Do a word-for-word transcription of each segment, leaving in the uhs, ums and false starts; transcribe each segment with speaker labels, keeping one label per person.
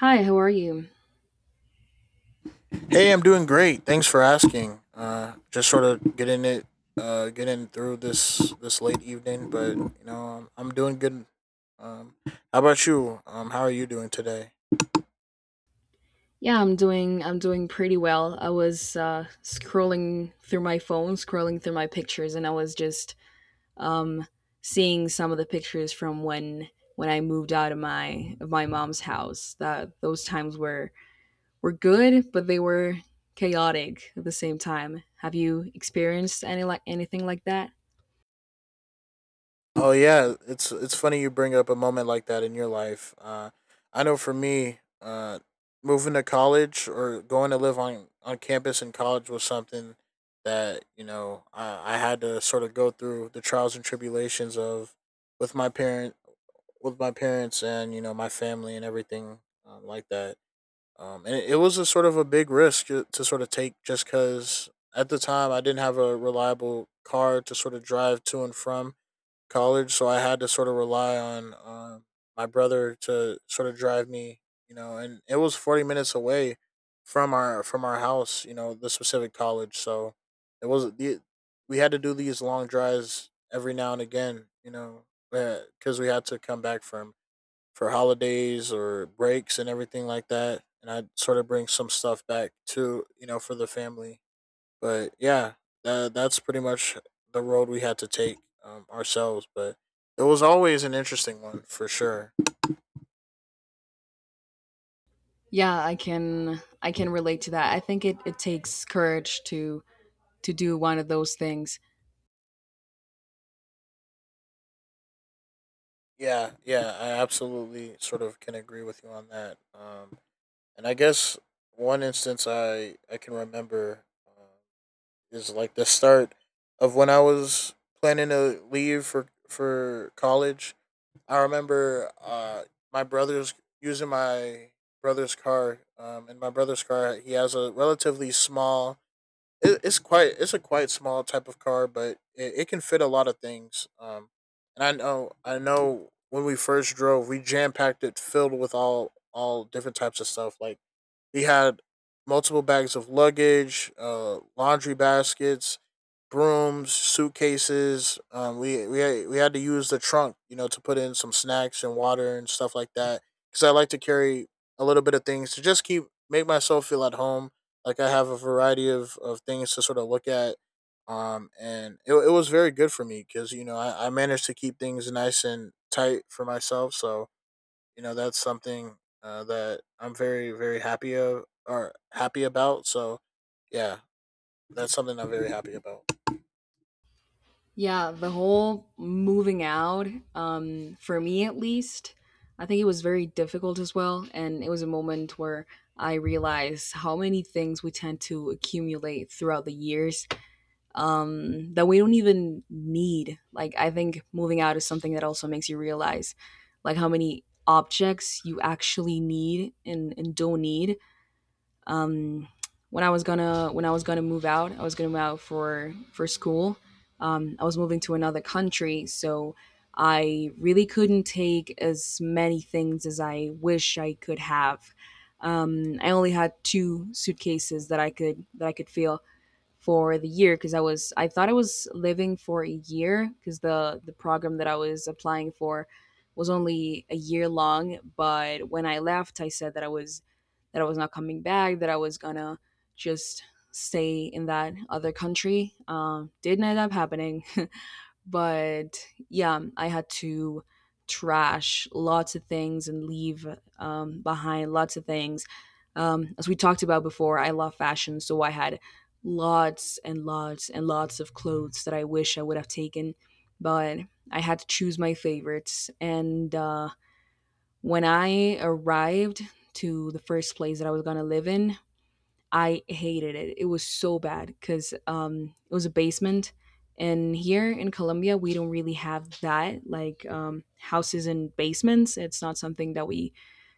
Speaker 1: Hi, how are you?
Speaker 2: Hey, I'm doing great. Thanks for asking. Uh, just sort of getting it, uh, getting through this this late evening, but you know, I'm, I'm doing good. Um, how about you? Um, how are you doing today?
Speaker 1: Yeah, I'm doing I'm doing pretty well. I was uh, scrolling through my phone, scrolling through my pictures, and I was just um, seeing some of the pictures from when when I moved out of my of my mom's house. That those times were were good, but they were chaotic at the same time. Have you experienced any like anything like that?
Speaker 2: Oh yeah, it's it's funny you bring up a moment like that in your life. Uh, I know for me, uh, moving to college or going to live on on campus in college was something that you know I, I had to sort of go through the trials and tribulations of with my parent with my parents and you know my family and everything um, like that. Um, and it, it was a sort of a big risk to to sort of take just because at the time I didn't have a reliable car to sort of drive to and from college, so I had to sort of rely on um, my brother to sort of drive me. You know, and it was forty minutes away from our from our house. You know, the specific college, so it was the we had to do these long drives every now and again. You know, because we had to come back from for holidays or breaks and everything like that. And I sort of bring some stuff back to you know for the family. But yeah, that, that's pretty much the road we had to take um, ourselves. But it was always an interesting one for sure.
Speaker 1: Yeah, I can I can relate to that. I think it, it takes courage to to do one of those things.
Speaker 2: Yeah, yeah, I absolutely sort of can agree with you on that. Um, and I guess one instance I I can remember uh, is like the start of when I was planning to leave for for college. I remember uh, my brother's using my brother's car, um, and my brother's car he has a relatively small. It, it's quite it's a quite small type of car, but it, it can fit a lot of things. Um, and I know I know when we first drove, we jam packed it filled with all all different types of stuff like he had multiple bags of luggage, uh, laundry baskets, brooms, suitcases. Um, we we had, we had to use the trunk, you know, to put in some snacks and water and stuff like that. Because I like to carry a little bit of things to just keep make myself feel at home. Like I have a variety of, of things to sort of look at. Um, and it, it was very good for me because you know I, I managed to keep things nice and tight for myself. So you know that's something uh, that I'm very very happy of or happy about. So yeah, that's something I'm very happy about.
Speaker 1: Yeah, the whole moving out, um, for me at least, I think it was very difficult as well. And it was a moment where I realized how many things we tend to accumulate throughout the years um, that we don't even need. Like, I think moving out is something that also makes you realize, like, how many objects you actually need and, and don't need um, when I was gonna when I was gonna move out, I was gonna move out for for school. Um, I was moving to another country, so I really couldn't take as many things as I wish I could have. Um, I only had two suitcases that I could that I could fill for the year because I was I thought I was living for a year because the the program that I was applying for was only a year long. But when I left, I said that I was that I was not coming back. That I was gonna just stay in that other country. Um, didn't end up happening. But yeah, I had to trash lots of things and leave um, behind lots of things. Um, as we talked about before, I love fashion, so I had lots and lots and lots of clothes that I wish I would have taken, but I had to choose my favorites. And uh, when I arrived to the first place that I was going to live in, I hated it. It was so bad because um, it was a basement, and here in Colombia we don't really have that like um, houses and basements. It's not something that we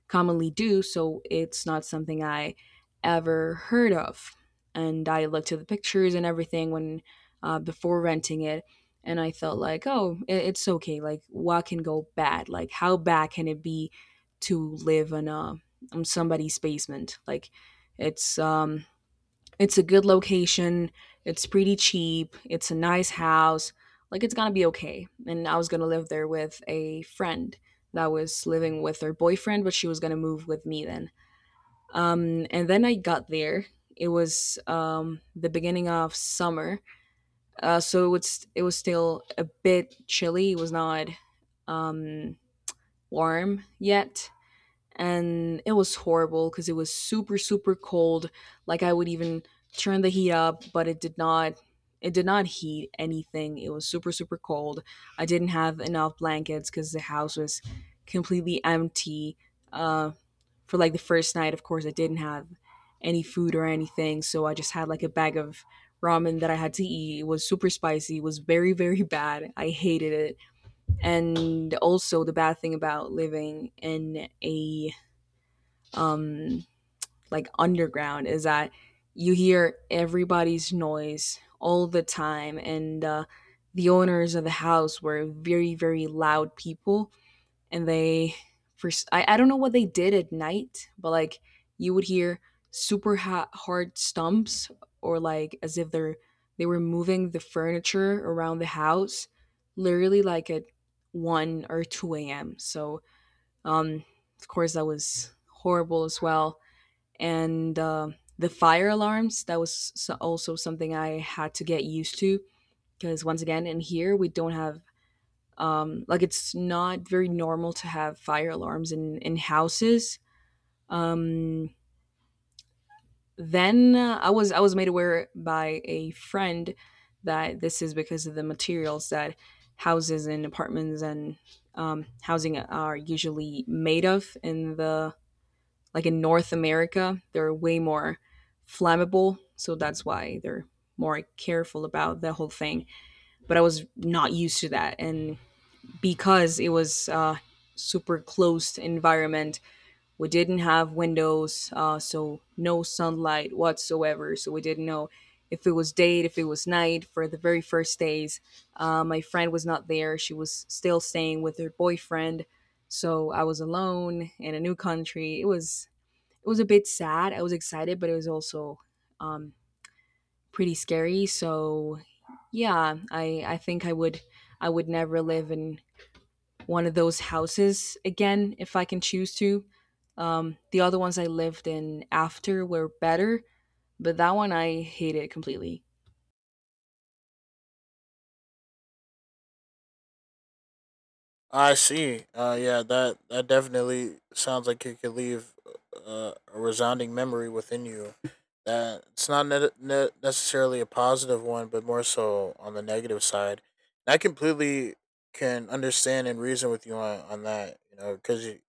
Speaker 1: commonly do, so it's not something I ever heard of. And I looked at the pictures and everything when uh, before renting it, and I felt like, oh, i- it's okay. Like what can go bad? Like how bad can it be to live in a on somebody's basement? Like it's um it's a good location. It's pretty cheap. It's a nice house. Like it's gonna be okay. And I was gonna live there with a friend that was living with her boyfriend, but she was gonna move with me then. Um, and then I got there. It was um, the beginning of summer, uh, so it's it was still a bit chilly. It was not um, warm yet, and it was horrible because it was super super cold. Like I would even turn the heat up, but it did not it did not heat anything. It was super super cold. I didn't have enough blankets because the house was completely empty. uh, for like the first night, of course I didn't have any food or anything, so I just had like a bag of ramen that I had to eat. It was super spicy. It was very very bad. I hated it. And also the bad thing about living in a um, like underground is that you hear everybody's noise all the time. And uh, the owners of the house were very very loud people, and they for s- I, I don't know what they did at night, but like you would hear super ha- hard stumps, or like as if they're they were moving the furniture around the house, literally like at one or two a m. So um of course that was horrible as well. And uh, the fire alarms, that was so- also something I had to get used to, because once again in here we don't have um, like it's not very normal to have fire alarms in in houses. um, then uh, i was i was made aware by a friend that this is because of the materials that houses and apartments and um, housing are usually made of in the like in North America. They're way more flammable. So that's why they're more careful about the whole thing. But I was not used to that. And because it was uh, super closed environment, we didn't have windows, uh, so no sunlight whatsoever. So we didn't know if it was day, if it was night for the very first days. Uh, my friend was not there. She was still staying with her boyfriend. So I was alone in a new country. It was it was a bit sad. I was excited, but it was also um, pretty scary. So yeah, I I think I would I would never live in one of those houses again if I can choose to. Um, the other ones I lived in after were better, but that one I hated completely.
Speaker 2: I see. Uh, yeah, that that definitely sounds like it could leave uh, a resounding memory within you. That it's not ne- ne- necessarily a positive one, but more so on the negative side. And I completely can understand and reason with you on, on that. You know, because you,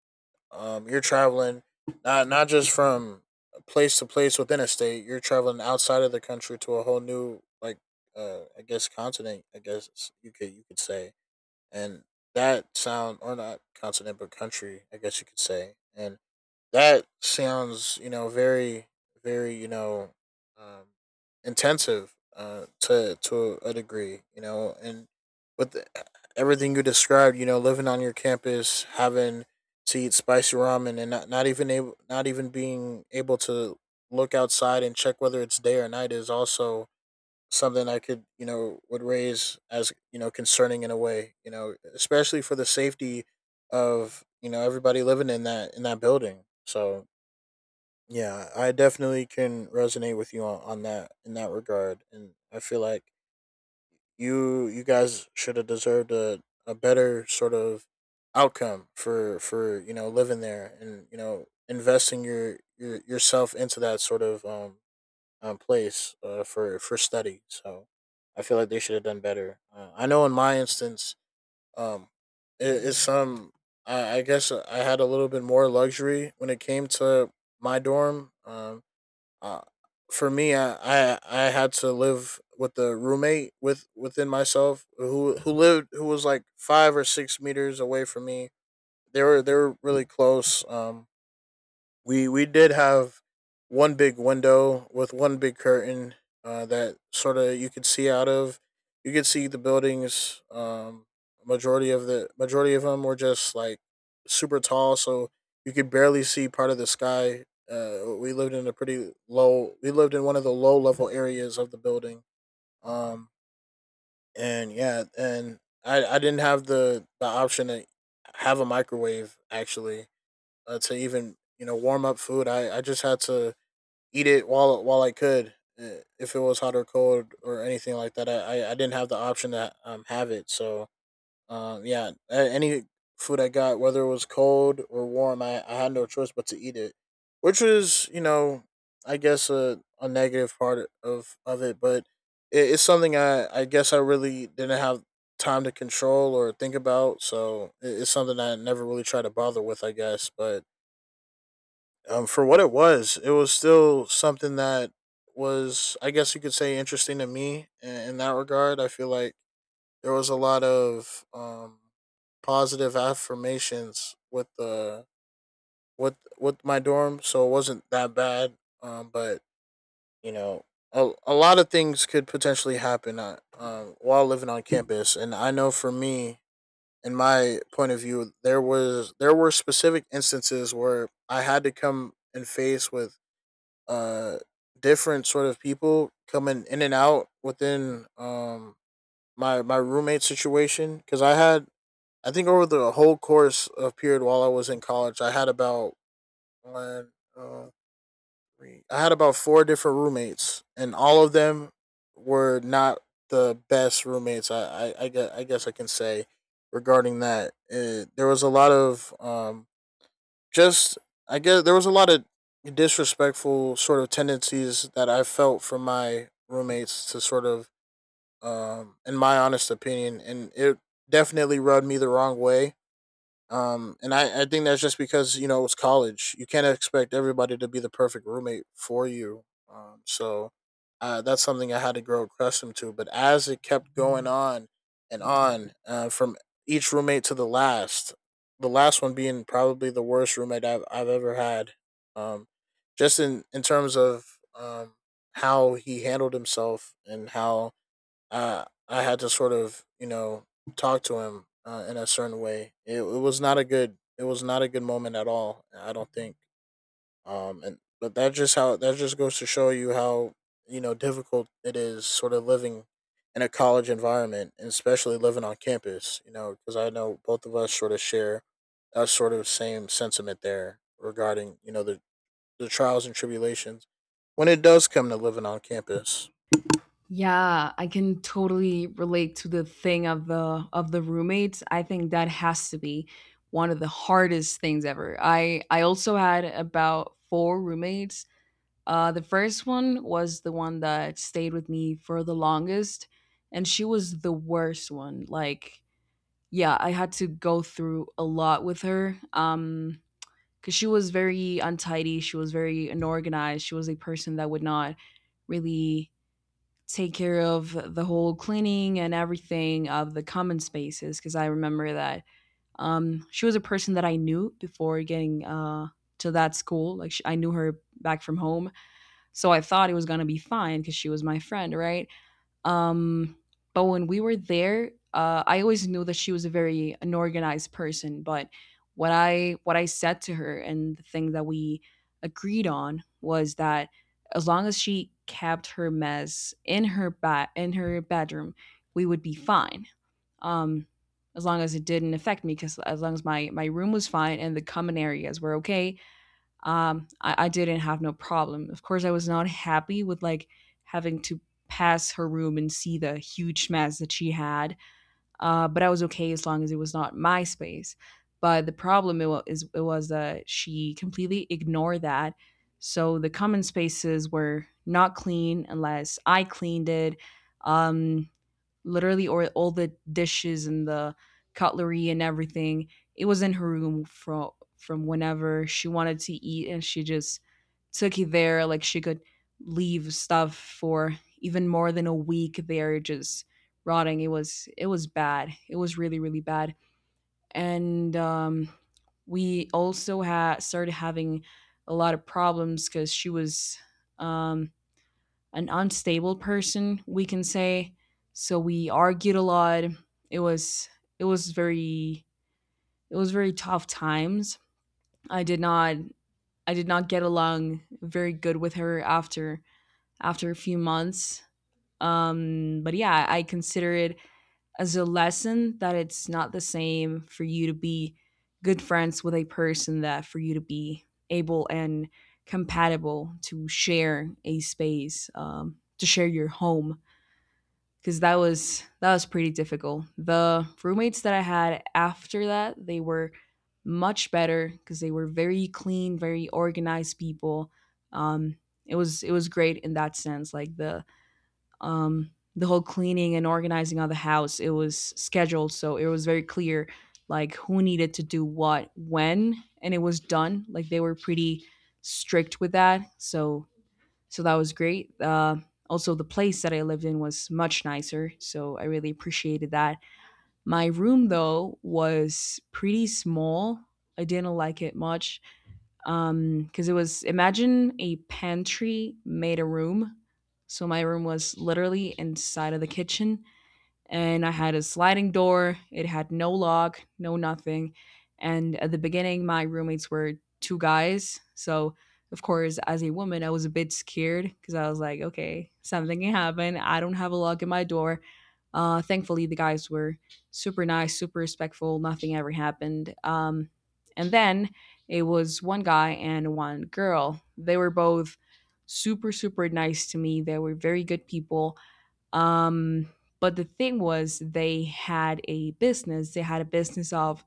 Speaker 2: Um, you're traveling not not just from place to place within a state. You're traveling outside of the country to a whole new like uh, I guess continent. I guess you could you could say, and that sound or not continent but country. I guess you could say, and that sounds you know very very you know um, intensive uh, to to a degree you know and with the- everything you described you know living on your campus having to eat spicy ramen and not, not even able not even being able to look outside and check whether it's day or night is also something I could, you know, would raise as, you know, concerning in a way, you know, especially for the safety of, you know, everybody living in that in that building. So, yeah, I definitely can resonate with you on, on that in that regard, and I feel like you you guys should have deserved a, a better sort of outcome for for, you know, living there and, you know, investing your your yourself into that sort of um um, place uh, for for study. So I feel like they should have done better. Uh, I know in my instance. um, it, it's some. I, I guess uh, I had a little bit more luxury when it came to my dorm. Um, uh, for me, I, I I had to live with the roommate with within myself who who lived who was like five or six meters away from me. They were they were really close. Um, we we did have one big window with one big curtain uh, that sort of you could see out of. You could see the buildings. Um, majority of the majority of them were just like super tall, so you could barely see part of the sky. Uh, we lived in a pretty low. We lived in one of the low level areas of the building. Um, and yeah, and I I didn't have the the option to have a microwave actually uh, to even you know warm up food. I, I just had to eat it while while I could. Uh, If it was hot or cold or anything like that, I, I, I didn't have the option to um, have it. So um, yeah, a- any food I got, whether it was cold or warm, I, I had no choice but to eat it, which was you know I guess a, a negative part of of it, but it, it's something I I guess I really didn't have time to control or think about. So it, it's something I never really try to bother with, I guess. But um, for what it was, it was still something that was, I guess you could say, interesting to me in, in that regard. I feel like there was a lot of um, positive affirmations with the with with my dorm, so it wasn't that bad. Um, but you know, a, a lot of things could potentially happen uh, um, while living on campus, and I know for me, in my point of view, there was there were specific instances where I had to come and face with uh different sort of people coming in and out within um my my roommate situation because I had I think over the whole course of period while I was in college I had about one uh, three I had about four different roommates and all of them were not the best roommates I I I guess I, guess I can say regarding that. Uh there was a lot of um just I guess there was a lot of disrespectful sort of tendencies that I felt from my roommates to sort of um in my honest opinion, and it definitely rubbed me the wrong way. Um, and I, I think that's just because, you know, it's college. You can't expect everybody to be the perfect roommate for you. Um, so uh, that's something I had to grow accustomed to. But as it kept going on and on, uh, from each roommate to the last, the last one being probably the worst roommate I've, I've ever had. Um, just in, in terms of um, how he handled himself and how uh, I had to sort of, you know, talk to him uh, in a certain way. It, it was not a good, it was not a good moment at all. I don't think. Um, and but that just how that just goes to show you how you know difficult it is, sort of living in a college environment, and especially living on campus. You know, because I know both of us sort of share a sort of same sentiment there regarding you know the the trials and tribulations when it does come to living on campus.
Speaker 1: Yeah, I can totally relate to the thing of the of the roommates. I think that has to be one of the hardest things ever. I I also had about four roommates. Uh, the first one was the one that stayed with me for the longest, and she was the worst one. Like, yeah, I had to go through a lot with her. Um, because she was very untidy, she was very unorganized. She was a person that would not really take care of the whole cleaning and everything of the common spaces. Because I remember that um, she was a person that I knew before getting uh to that school. Like, she, I knew her back from home, so I thought it was gonna be fine because she was my friend, right? Um, but when we were there, uh, I always knew that she was a very unorganized person. But what I what I said to her, and the thing that we agreed on, was that as long as she kept her mess in her bat in her bedroom, we would be fine. Um, as long as it didn't affect me, because as long as my my room was fine and the common areas were okay, um, I, I didn't have no problem. Of course, I was not happy with like having to pass her room and see the huge mess that she had, uh, but I was okay as long as it was not my space. But the problem it wa- is it was that she completely ignored that. So the common spaces were not clean unless I cleaned it. Um, Literally or all the dishes and the cutlery and everything, it was in her room from from whenever she wanted to eat, and she just took it there. Like, she could leave stuff for even more than a week there, just rotting. It was it was bad. It was really really bad. And um we also had started having a lot of problems because she was um an unstable person, we can say. So we argued a lot. It was it was very it was very tough times. I did not I did not get along very good with her after after a few months. Um, but yeah, I consider it as a lesson that it's not the same for you to be good friends with a person that for you to be able and compatible to share a space, um, to share your home, because that was that was pretty difficult. The roommates that I had after that, they were much better because they were very clean, very organized people. Um, it was it was great in that sense. Like the um, the whole cleaning and organizing of the house, it was scheduled, so it was very clear like who needed to do what when, and it was done. Like they were pretty strict with that, so so that was great. Uh, also, the place that I lived in was much nicer, so I really appreciated that. My room, though, was pretty small. I didn't like it much um, because it was imagine a pantry made a room. So my room was literally inside of the kitchen, and I had a sliding door. It had no lock, no nothing. And at the beginning, my roommates were two guys. So, of course, as a woman, I was a bit scared because I was like, okay, something can happen. I don't have a lock in my door. Uh, thankfully, the guys were super nice, super respectful. Nothing ever happened. Um, and then it was one guy and one girl. They were both super, super nice to me. They were very good people. Um, but the thing was, they had a business. They had a business of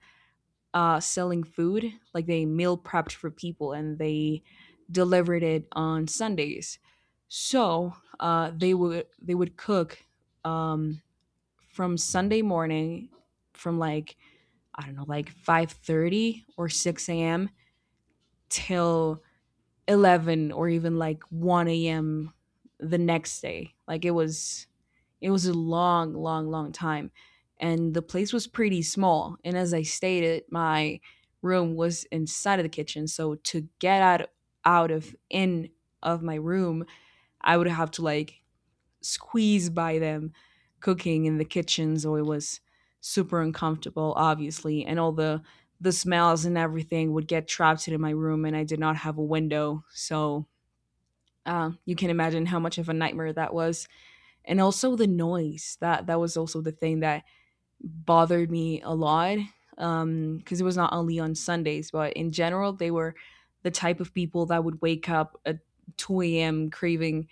Speaker 1: uh, selling food, like they meal prepped for people and they delivered it on Sundays. So uh, they would they would cook um, from Sunday morning, from like I don't know, like five thirty or six a m till eleven or even like one a m the next day. Like it was it was a long, long, long time. And the place was pretty small. And as I stated, my room was inside of the kitchen. So to get out out of in of my room, I would have to like squeeze by them cooking in the kitchen. So it was super uncomfortable, obviously. And all the the smells and everything would get trapped into my room and I did not have a window. So uh, you can imagine how much of a nightmare that was, and also the noise. That that was also the thing that bothered me a lot, um because it was not only on Sundays, but in general they were the type of people that would wake up at two a m craving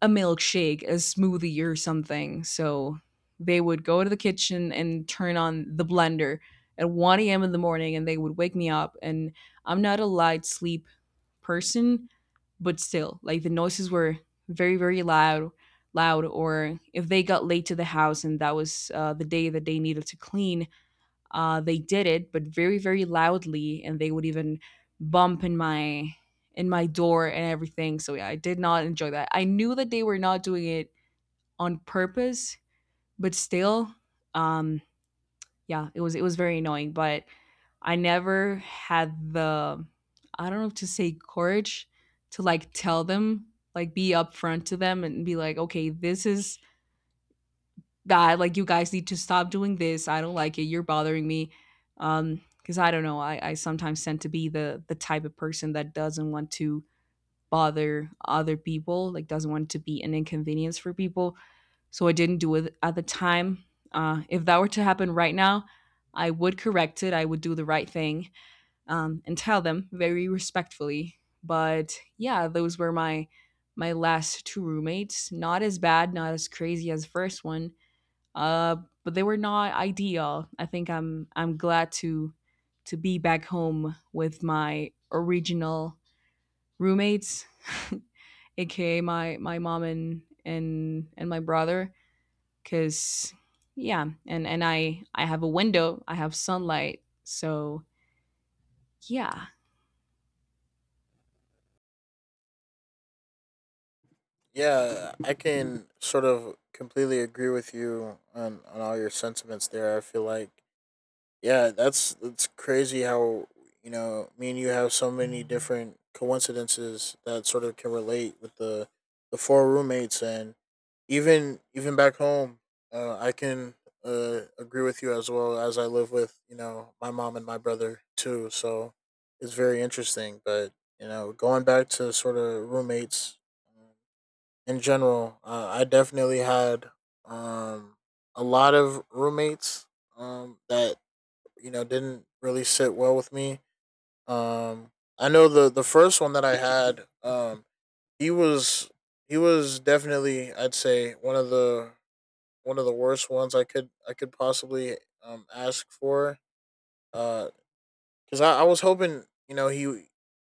Speaker 1: a milkshake, a smoothie, or something. So they would go to the kitchen and turn on the blender at one a m in the morning, and they would wake me up. And I'm not a light sleep person, but still, like, the noises were very, very loud, loud. Or if they got late to the house and that was uh, the day that they needed to clean, uh, they did it, but very, very loudly, and they would even bump in my in my door and everything. So yeah, I did not enjoy that. I knew that they were not doing it on purpose, but still, um, yeah, it was it was very annoying. But I never had the, I don't know if to say, courage to like tell them, like be upfront to them and be like, okay, this is bad. Like, you guys need to stop doing this. I don't like it. You're bothering me. Um, because I don't know, I, I sometimes tend to be the the type of person that doesn't want to bother other people, like doesn't want to be an inconvenience for people. So I didn't do it at the time. Uh, if that were to happen right now, I would correct it. I would do the right thing um, and tell them very respectfully. But yeah, those were my my last two roommates. Not as bad, not as crazy as the first one, uh, but they were not ideal. I think I'm I'm glad to to be back home with my original roommates, aka my my mom and and and my brother, because yeah, and and I I have a window, I have sunlight, so yeah.
Speaker 2: Yeah, I can sort of completely agree with you on, on all your sentiments there. I feel like yeah, that's it's crazy how you know me and you have so many different coincidences that sort of can relate with the the four roommates and even even back home. Uh, I can uh, agree with you as well as I live with you know my mom and my brother too. So it's very interesting. But you know, going back to sort of roommates in general, uh, I definitely had um, a lot of roommates um, that you know didn't really sit well with me. Um, I know the the first one that I had, um, he was he was definitely I'd say one of the one of the worst ones I could I could possibly um, ask for. Uh, because I, I was hoping, you know, he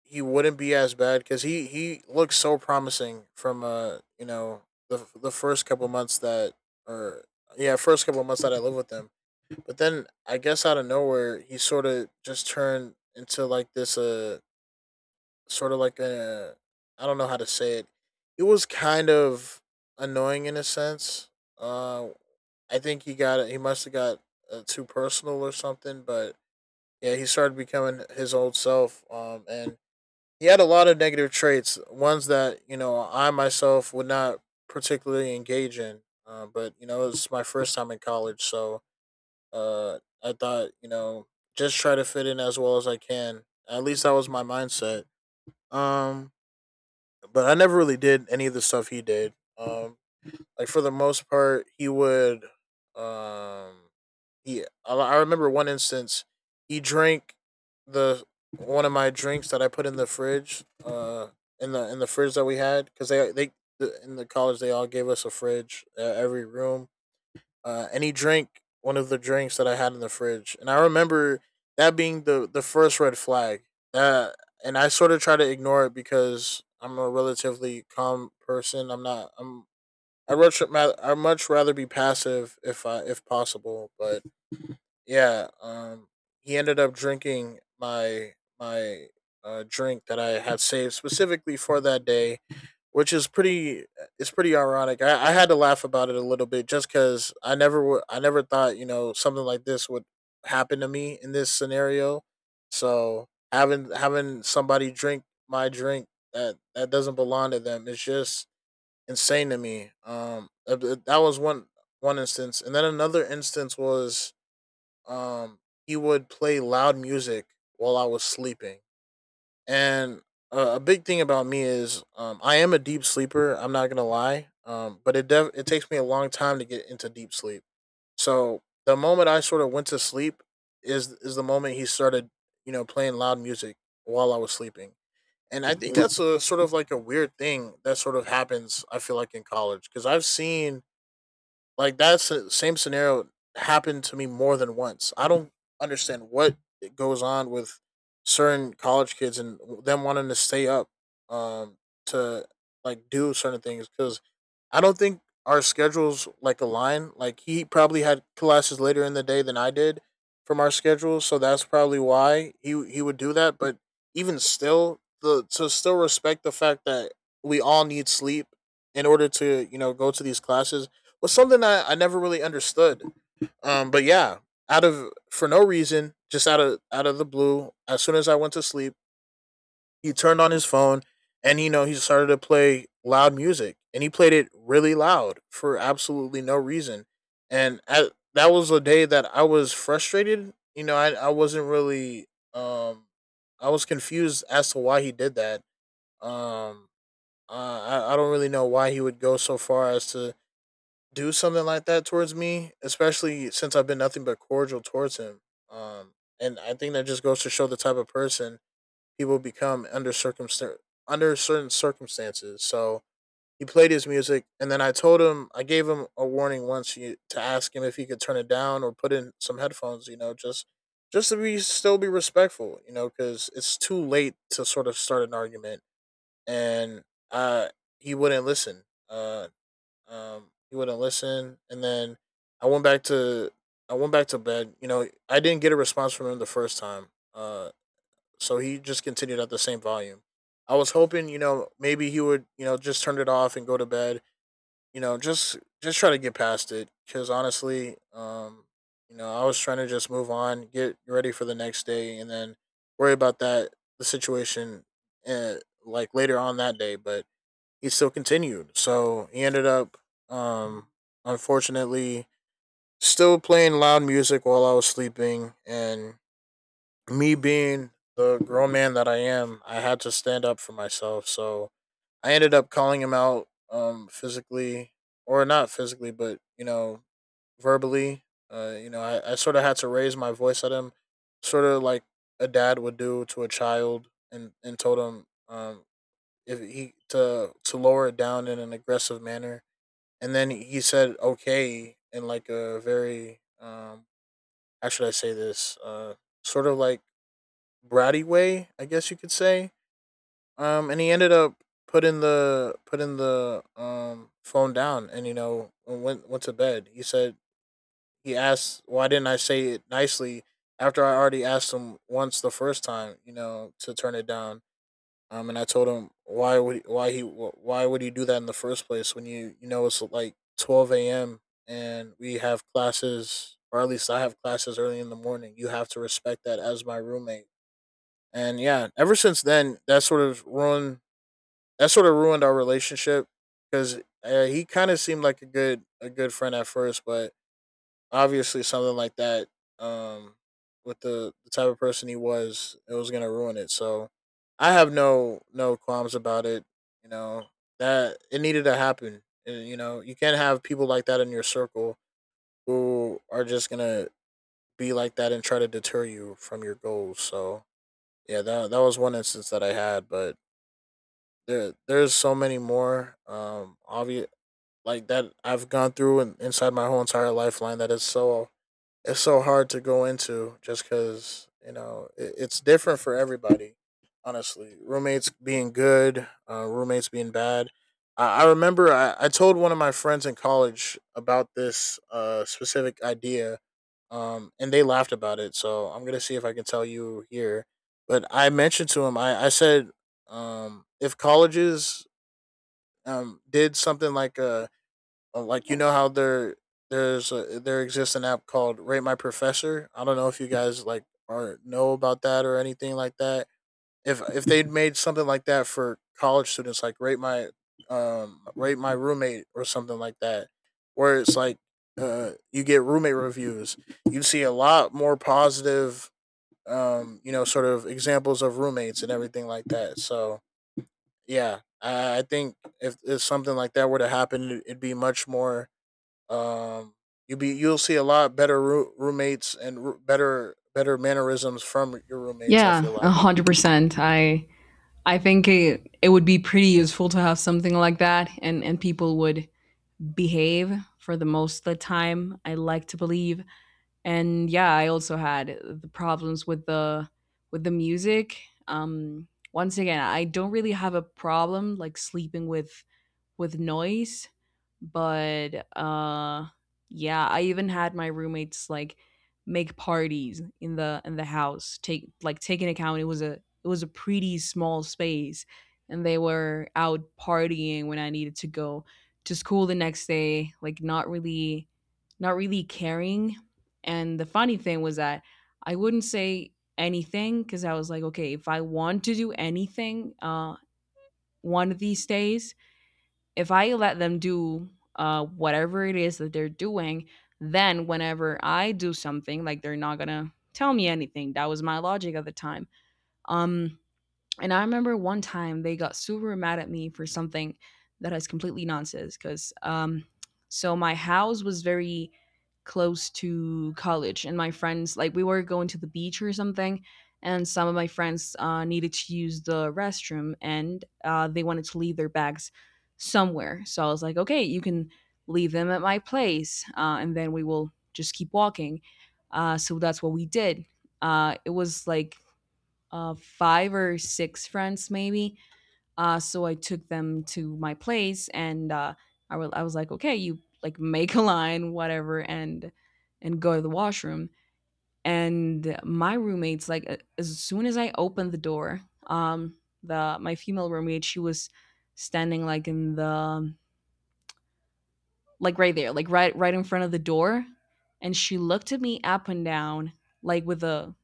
Speaker 2: he wouldn't be as bad because he he looked so promising from uh you know the the first couple months that or yeah first couple months that I lived with him. But then I guess out of nowhere he sort of just turned into like this uh sort of like a I don't know how to say it. It was kind of annoying in a sense. Uh, I think he got he must have got uh, too personal or something, but yeah, he started becoming his old self. Um, and he had a lot of negative traits, ones that you know I myself would not particularly engage in. Uh, but you know, it was my first time in college, so uh, I thought you know just try to fit in as well as I can. At least that was my mindset. Um, but I never really did any of the stuff he did. Um, like for the most part, he would um yeah, I I remember one instance. He drank the one of my drinks that I put in the fridge, uh, in the in the fridge that we had, because they they the- in the college they all gave us a fridge, uh, every room, uh, and he drank one of the drinks that I had in the fridge, and I remember that being the the first red flag. That, and I sort of try to ignore it because I'm a relatively calm person. I'm not. I'm. I much I much rather be passive if I if possible, but yeah, um, he ended up drinking my my uh, drink that I had saved specifically for that day, which is pretty. uh, It's pretty ironic. I, I had to laugh about it a little bit just because I never would. I never thought you know something like this would happen to me in this scenario. So having having somebody drink my drink that that doesn't belong to them is just insane to me. Um, uh, uh, that was one one instance, and then another instance was um, he would play loud music while I was sleeping. And uh, a big thing about me is um, I am a deep sleeper. I'm not gonna lie, um, but it def- it takes me a long time to get into deep sleep. So the moment I sort of went to sleep is is the moment he started, you know, playing loud music while I was sleeping. And I think that's a sort of like a weird thing that sort of happens. I feel like in college because I've seen like that's the same scenario happened to me more than once. I don't understand what it goes on with certain college kids and them wanting to stay up um to like do certain things because I don't think our schedules like align. Like he probably had classes later in the day than I did from our schedule, so that's probably why he he would do that. But even still, the to still respect the fact that we all need sleep in order to you know go to these classes was something I, I never really understood. Um, but yeah, out of for no reason, just out of out of the blue, as soon as I went to sleep, he turned on his phone, and you know he started to play loud music, and he played it really loud for absolutely no reason. And at, that was a day that I was frustrated. You know, I, I wasn't really um I was confused as to why he did that. Um uh, I, I don't really know why he would go so far as to do something like that towards me, especially since I've been nothing but cordial towards him. Um, and I think that just goes to show the type of person he will become under circumstan under certain circumstances. So he played his music, and then I told him I gave him a warning once you, to ask him if he could turn it down or put in some headphones. You know, just just to be still be respectful. You know, because it's too late to sort of start an argument, and uh, he wouldn't listen. Uh, um, he wouldn't listen, and then I went back to I went back to bed. You know, I didn't get a response from him the first time. Uh, so he just continued at the same volume. I was hoping, you know, maybe he would, you know, just turn it off and go to bed. You know, just just try to get past it. Because honestly, um, you know, I was trying to just move on, get ready for the next day, and then worry about that the situation, uh, like later on that day. But he still continued. So he ended up, um, unfortunately, still playing loud music while I was sleeping. And me being the grown man that I am, I had to stand up for myself. So I ended up calling him out, um, physically, or not physically, but, you know, verbally. Uh, you know, I, I sort of had to raise my voice at him, sort of like a dad would do to a child, and, and told him, um, if he to to lower it down in an aggressive manner. And then he said okay in like a very um how should I say this? Uh sort of like bratty way, I guess you could say. Um and he ended up putting the putting the um phone down, and you know went went to bed. He said he asked why didn't I say it nicely after I already asked him once the first time, you know, to turn it down. Um, and I told him why would why he why would he do that in the first place when you you know it's like twelve a m and we have classes, or at least I have classes early in the morning. You have to respect that as my roommate. And yeah, ever since then, that sort of ruined that sort of ruined our relationship because uh, he kind of seemed like a good a good friend at first, but obviously something like that, um with the, the type of person he was, it was gonna ruin it. So I have no no qualms about it, you know, that it needed to happen, and, you know, you can't have people like that in your circle who are just gonna be like that and try to deter you from your goals. So yeah, that, that was one instance that I had, but there there's so many more, um obvious like that I've gone through and inside my whole entire lifeline, that is so, it's so hard to go into just because you know it, it's different for everybody, honestly, roommates being good, uh, roommates being bad. I, I remember I, I told one of my friends in college about this uh, specific idea, um, and they laughed about it, so I'm gonna see if I can tell you here. But I mentioned to him, i, I said, um, if colleges um, did something like a, uh, Like you know how there there's a, there exists an app called Rate My Professor. I don't know if you guys like are know about that or anything like that. If if they'd made something like that for college students, like Rate My um Rate My Roommate or something like that, where it's like uh you get roommate reviews, you'd see a lot more positive, um you know, sort of examples of roommates and everything like that. So yeah, I, I think if, if something like that were to happen, it'd be much more, um, you be you'll see a lot better roo- roommates and roo- better better mannerisms from your roommates. I
Speaker 1: Yeah,
Speaker 2: feel
Speaker 1: a
Speaker 2: like.
Speaker 1: hundred percent. I I think it, it would be pretty useful to have something like that, and and people would behave for the most of the time, I like to believe. And yeah, I also had the problems with the with the music. Um, once again, I don't really have a problem like sleeping with with noise. But uh yeah, I even had my roommates like make parties in the in the house. Take, like, taking account it was a it was a pretty small space, and they were out partying when I needed to go to school the next day, like not really not really caring. And the funny thing was that I wouldn't say anything because I was like, okay, if I want to do anything uh, one of these days, if I let them do uh, whatever it is that they're doing, then whenever I do something, like, they're not gonna tell me anything. That was my logic at the time. Um, and I remember one time they got super mad at me for something that is completely nonsense. Because um, so my house was very close to college, and my friends, like, we were going to the beach or something, and some of my friends uh, needed to use the restroom, and uh, they wanted to leave their bags somewhere. So I was like, okay, you can leave them at my place, uh, and then we will just keep walking. Uh, so that's what we did. Uh, it was like uh, five or six friends maybe. Uh, so I took them to my place, and uh, I, wa- I was like, okay, you, like, make a line, whatever, and and go to the washroom. And my roommates, like a- as soon as I opened the door, um, the my female roommate, she was standing, like, in the like right there, like right right in front of the door, and she looked at me up and down, like with a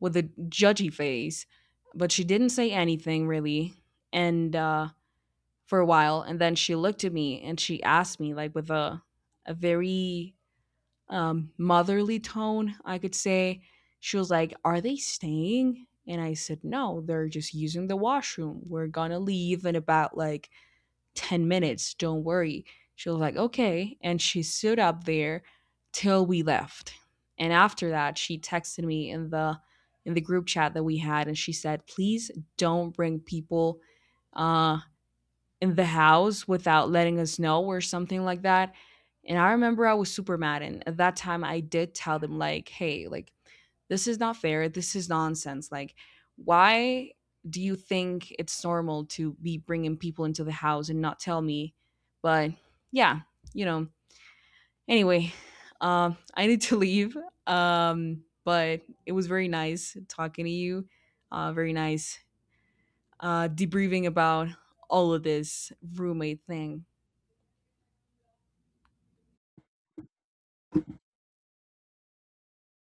Speaker 1: with a judgy face, but she didn't say anything really. And uh, for a while, and then she looked at me and she asked me, like with a a very um, motherly tone, I could say. She was like, "Are they staying?" And I said, "No, they're just using the washroom. We're gonna leave in about like ten minutes. Don't worry." She was like, okay. And she stood up there till we left. And after that, she texted me in the in the group chat that we had, and she said, please don't bring people uh in the house without letting us know, or something like that. And I remember I was super mad. And at that time I did tell them, like, hey, like, this is not fair, this is nonsense. Like, why do you think it's normal to be bringing people into the house and not tell me? But yeah, you know anyway. um I need to leave. um but it was very nice talking to you, uh very nice uh debriefing about all of this roommate thing.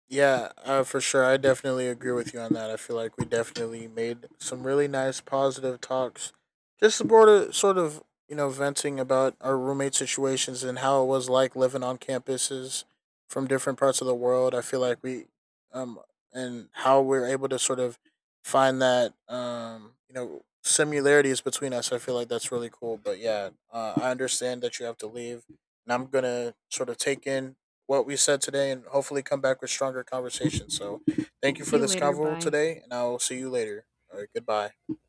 Speaker 2: Yeah, uh, for sure. I definitely agree with you on that. I feel like we definitely made some really nice, positive talks, just sort of, sort of, you know, venting about our roommate situations and how it was like living on campuses from different parts of the world. I feel like we, um, and how we're able to sort of find that, um, you know, similarities between us. I feel like that's really cool. But yeah, uh, I understand that you have to leave, and I'm gonna sort of take in what we said today and hopefully come back with stronger conversations. So thank you
Speaker 1: See
Speaker 2: for
Speaker 1: you
Speaker 2: this
Speaker 1: later,
Speaker 2: convo
Speaker 1: bye.
Speaker 2: today, and I'll see you later. All right, goodbye.